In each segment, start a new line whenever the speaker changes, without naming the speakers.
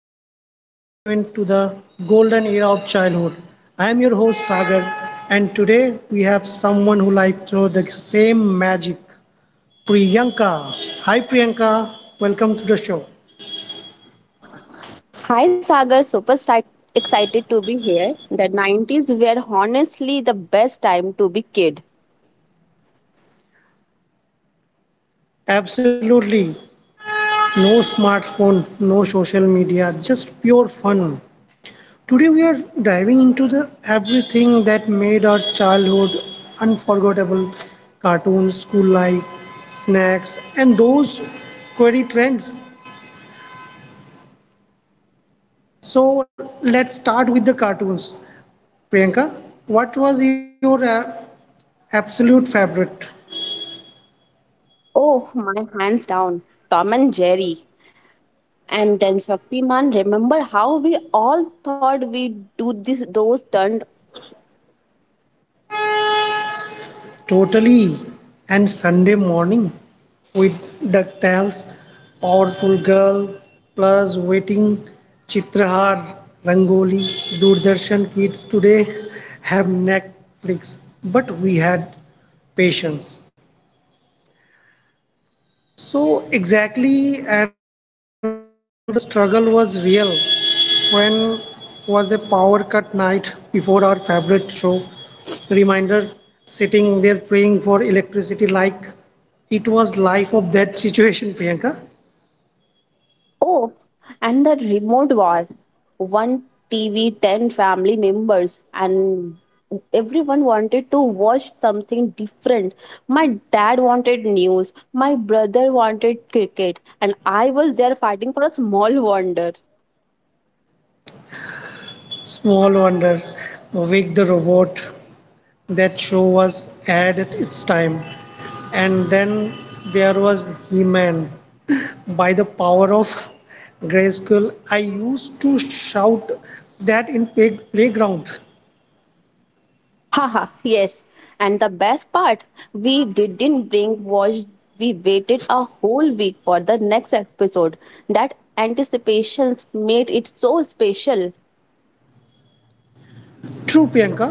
podcast where we rewind to the golden era of childhood. I am your host Sagar, and today we have someone who likes through the same magic, Priyanka. Hi Priyanka, welcome to the show.
Hi Sagar, excited to be here. The 90s were honestly the best time to be kid.
Absolutely, no smartphone, no social media, just pure fun. Today we are diving into the everything that made our childhood unforgettable cartoons, school life, snacks, and those query trends. So let's start with the cartoons. Priyanka, what was your absolute favorite?
Oh, my hands down, Tom and Jerry. And then Shaktiman, remember how we all thought we'd do this, those turned.
Totally. And Sunday morning with DuckTales, Powerful Girl, plus Waiting, Chitrahar, Rangoli, Doordarshan kids today have Netflix, but we had patience. So exactly, and the struggle was real. When was a power cut night before our favorite show? Reminder sitting there praying for electricity like it was life of that situation, Priyanka.
Oh, and the remote war. One TV, 10 family members, and everyone wanted to watch something different. My dad wanted news, my brother wanted cricket, and I was there fighting for a small wonder.
Small wonder, wake the robot. That show was ahead at its time. And then there was He Man. By the power of Grayskull, I used to shout that in playground.
Haha, yes. And the best part, we didn't bring watch, we waited a whole week for the next episode. That anticipations made it so special.
True, Priyanka.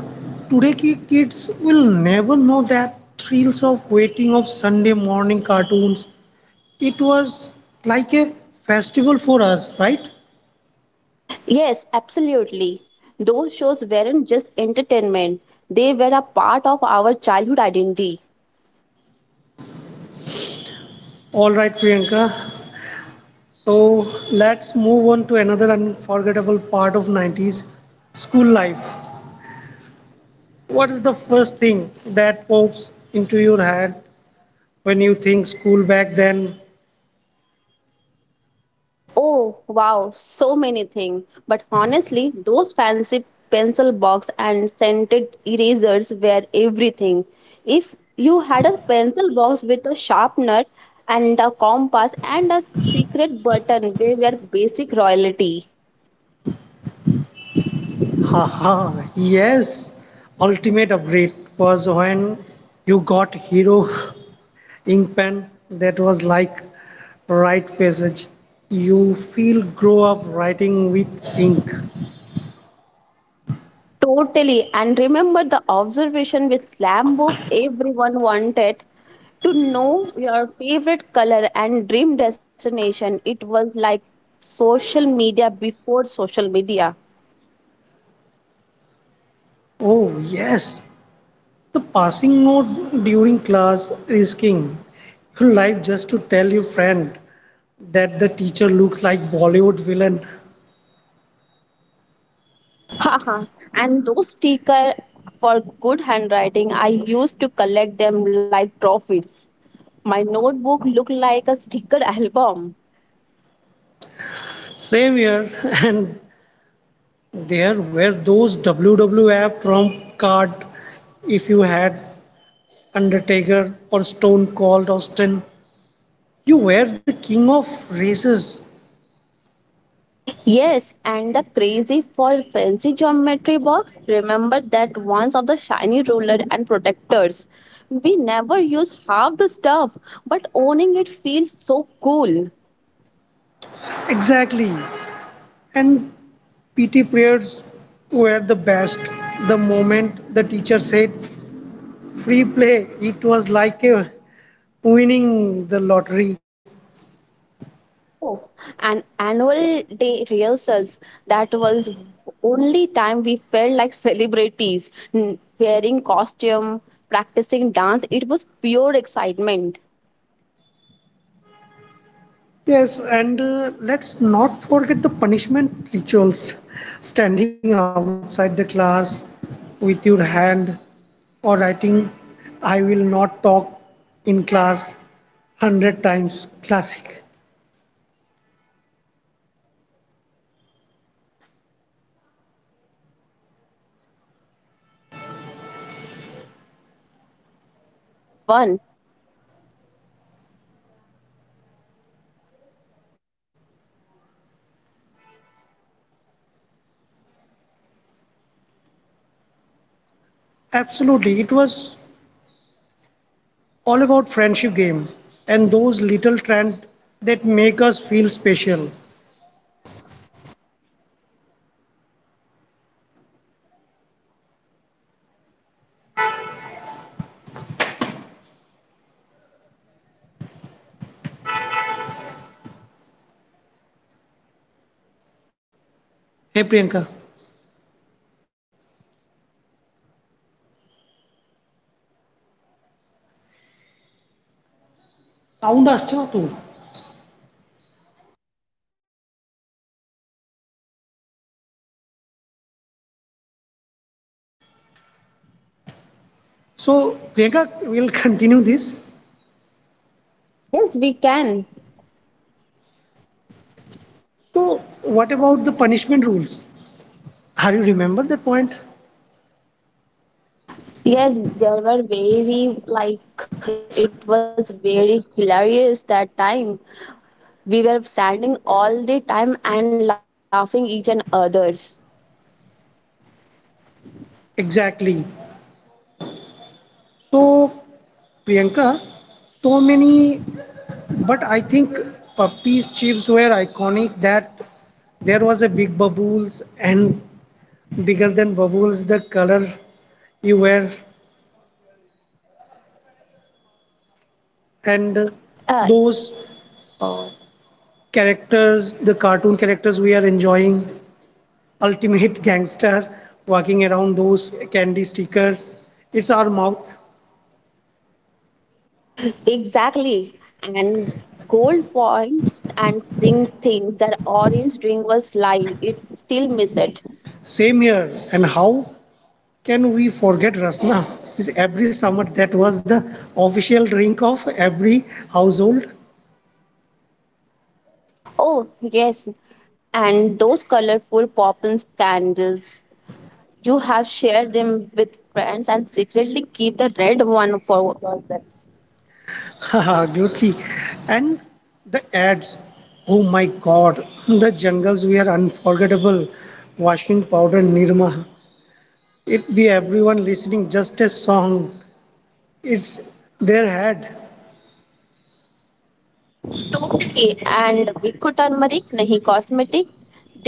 Today kids will never know that thrills of waiting of Sunday morning cartoons. It was like a festival for us, right?
Yes, absolutely. Those shows weren't just entertainment, they were a part of our childhood identity.
All right, Priyanka. So let's move on to another unforgettable part of 90s school life. What is the first thing that pops into your head when you think school back then?
Oh, wow, so many things. But honestly, those fancy pencil box and scented erasers were everything. If you had a pencil box with a sharpener and a compass and a secret button, we were basic royalty.
Haha, yes, ultimate upgrade was when you got hero ink pen that was like right passage. You feel grow up writing with ink.
Totally. And remember the observation with slam book everyone wanted to know your favorite color and dream destination. It was like social media before social media.
Oh yes, the passing note during class risking your life just to tell your friend that the teacher looks like Bollywood villain.
Haha. And those sticker for good handwriting, I used to collect them like trophies. My notebook looked like a sticker album.
Same here, and there were those WWF prompt card. If you had Undertaker or Stone Cold Austin, you were the king of races.
Yes, and the crazy for fancy geometry box. Remember that ones of the shiny ruler and protectors. We never use half the stuff, but owning it feels so cool.
Exactly, and PT prayers were the best. The moment the teacher said, free play it was like winning the lottery.
Oh, and annual day rehearsals. That was only time we felt like celebrities, wearing costume, practicing dance. It was pure excitement.
Yes and let's not forget the punishment rituals standing outside the class with your hand or writing I will not talk in class 100 times classic.
Haha, yes, but honestly, school life is the 90s was simple and fun. No pressure of Instagram, like just pure joy in small things.
Absolutely it was all about friendship game and those little trends that make us feel special. Hey Priyanka, sound असते ना. So, Priyanka, we'll continue this.
Yes, we can.
So, what about the punishment rules? Have you remember that point?
Yes, there were very, like, it was very hilarious that time. We were standing all the time and laughing each and others.
Exactly. So, Priyanka, so many, but I think puppies chips were iconic that there was a big bubbles and bigger than bubbles the color you wear and
Uh,
those characters the cartoon characters we are enjoying ultimate gangster walking around those candy stickers. It's our mouth.
Exactly. And gold points and zinc thing, that orange ring was live. It still miss it.
Same here. And how can we forget Rasna? Is every summer that was the official drink of every household.
Oh, yes. And those colorful poppin candles. You have shared them with friends and secretly keep the red one for yourself.
Haha, absolutely. And the ads. Oh my god. The jungles were unforgettable. Washing powder Nirma. It be everyone listening just a song. It's their head.
Totally. And Biko turmeric, nahi cosmetic.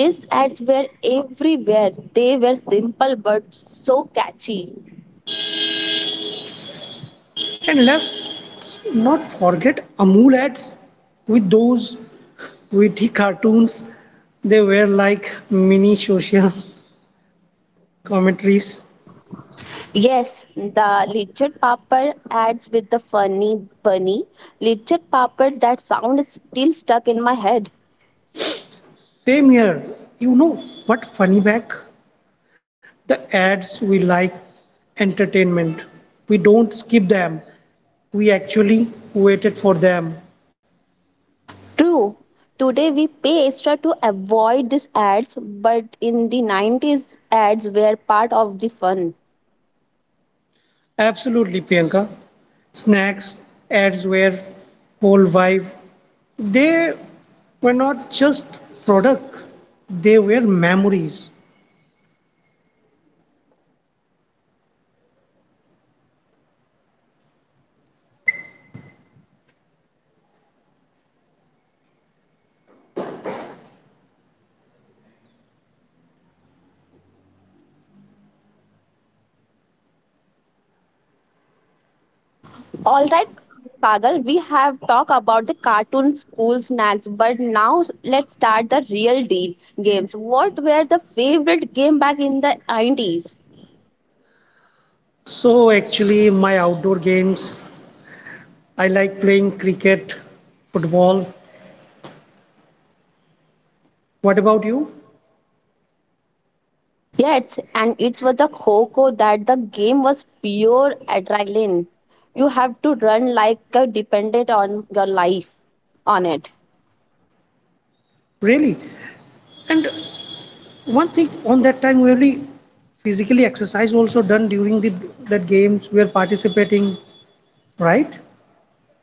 These ads were everywhere. They were simple but so catchy.
And let's not forget Amul ads with those witty cartoons. They were like mini social commentaries.
Yes, the Lidget Papad adds with the funny bunny. Lidget Papad, that sound is still stuck in my head.
Same here. You know what funny back? The ads we like entertainment. We don't skip them. We actually waited for them.
True. Today we pay extra to avoid these ads, but in the 90s, ads were part of the fun.
Absolutely, Priyanka. Snacks, ads were whole vibe. They were not just product, they were memories.
All right, Sagar, we have talked about the cartoon school snacks, but now let's start the real deal games. What were the favorite game back in the 90s?
So actually my outdoor games, I like playing cricket, football. What about you?
Yeah, it's and it's with the Coco that the game was pure adrenaline. You have to run like a dependent on your life on it.
Really? And one thing on that time we really physically exercise also done during the that games we are participating, right?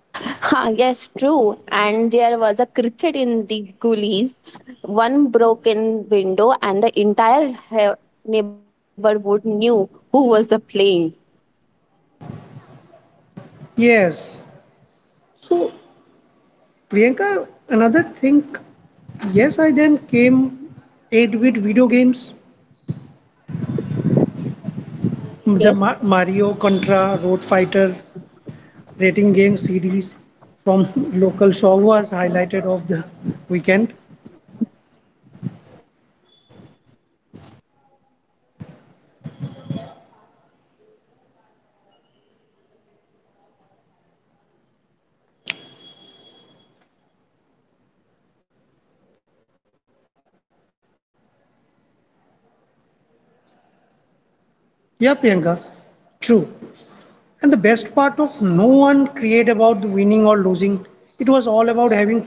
Huh, yes, true. And there was a cricket in the gullies, one broken window, and the entire neighborhood knew who was the playing.
Yes. So Priyanka, another thing, yes, I then came 8-bit video games,
But
the
yes,
Mario, Contra, Road Fighter, rating game series from local shop was highlighted of the weekend. Yeah, Priyanka, true. And the best part of no one create about the winning or losing. It was all about having fun.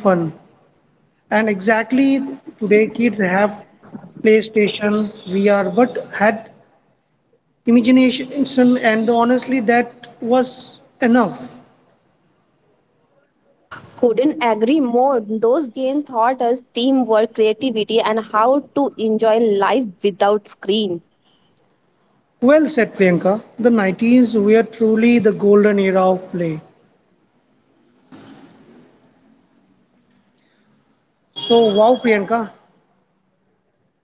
And exactly today, kids have PlayStation, VR, but had imagination and honestly that was enough.
couldn't agree more. Those games taught us teamwork, creativity, and how to enjoy life without screen.
Well said Priyanka, the 90s were truly the golden era of play. So wow Priyanka,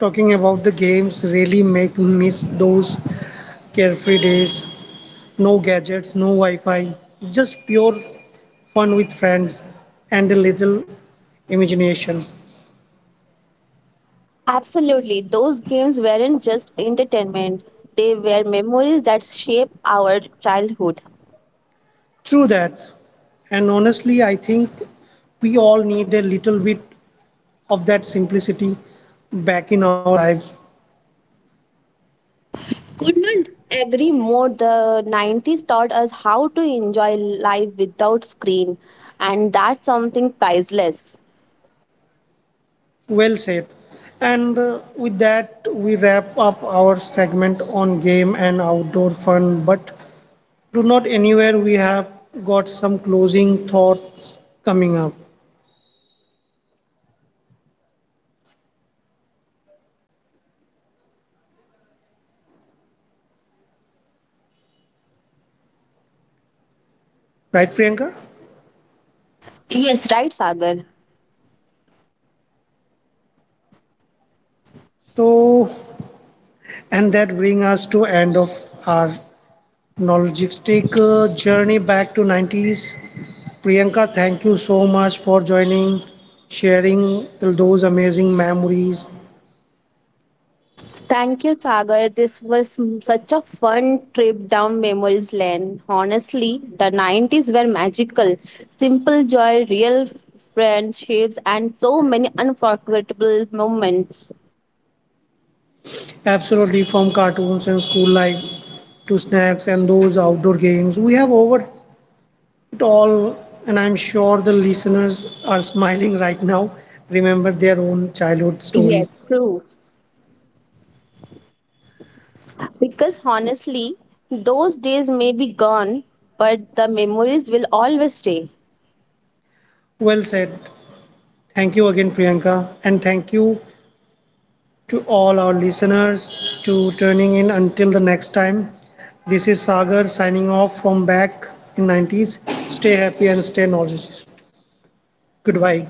talking about the games really make miss those carefree days. No gadgets, no Wi-Fi, just pure fun with friends and a little imagination.
Absolutely. Those games weren't just entertainment, they were memories that shape our childhood.
True that. And honestly, I think we all need a little bit of that simplicity back in our lives.
Could not agree more. The 90s taught us how to enjoy life without screen, and that's something priceless.
Well said. And with that, we wrap up our segment on game and outdoor fun. But do not anywhere, we have got some closing thoughts coming up. Right, Priyanka?
Yes, right, Sagar.
So, and that brings us to end of our nostalgic journey back to 90s. Priyanka, thank you so much for joining, sharing those amazing memories.
Thank you, Sagar. This was such a fun trip down memories lane. Honestly, the 90s were magical. Simple joy, real friendships, and so many unforgettable moments.
Absolutely, from cartoons and school life to snacks and those outdoor games. We have over it all, and I'm sure the listeners are smiling right now. Remember their own childhood stories.
Yes, true. Because honestly, those days may be gone, but the memories will always stay.
Well said. Thank you again, Priyanka, and thank you to all our listeners to turning in until the next time. This is Sagar signing off from back in 90s. Stay happy and stay knowledgeable. Goodbye.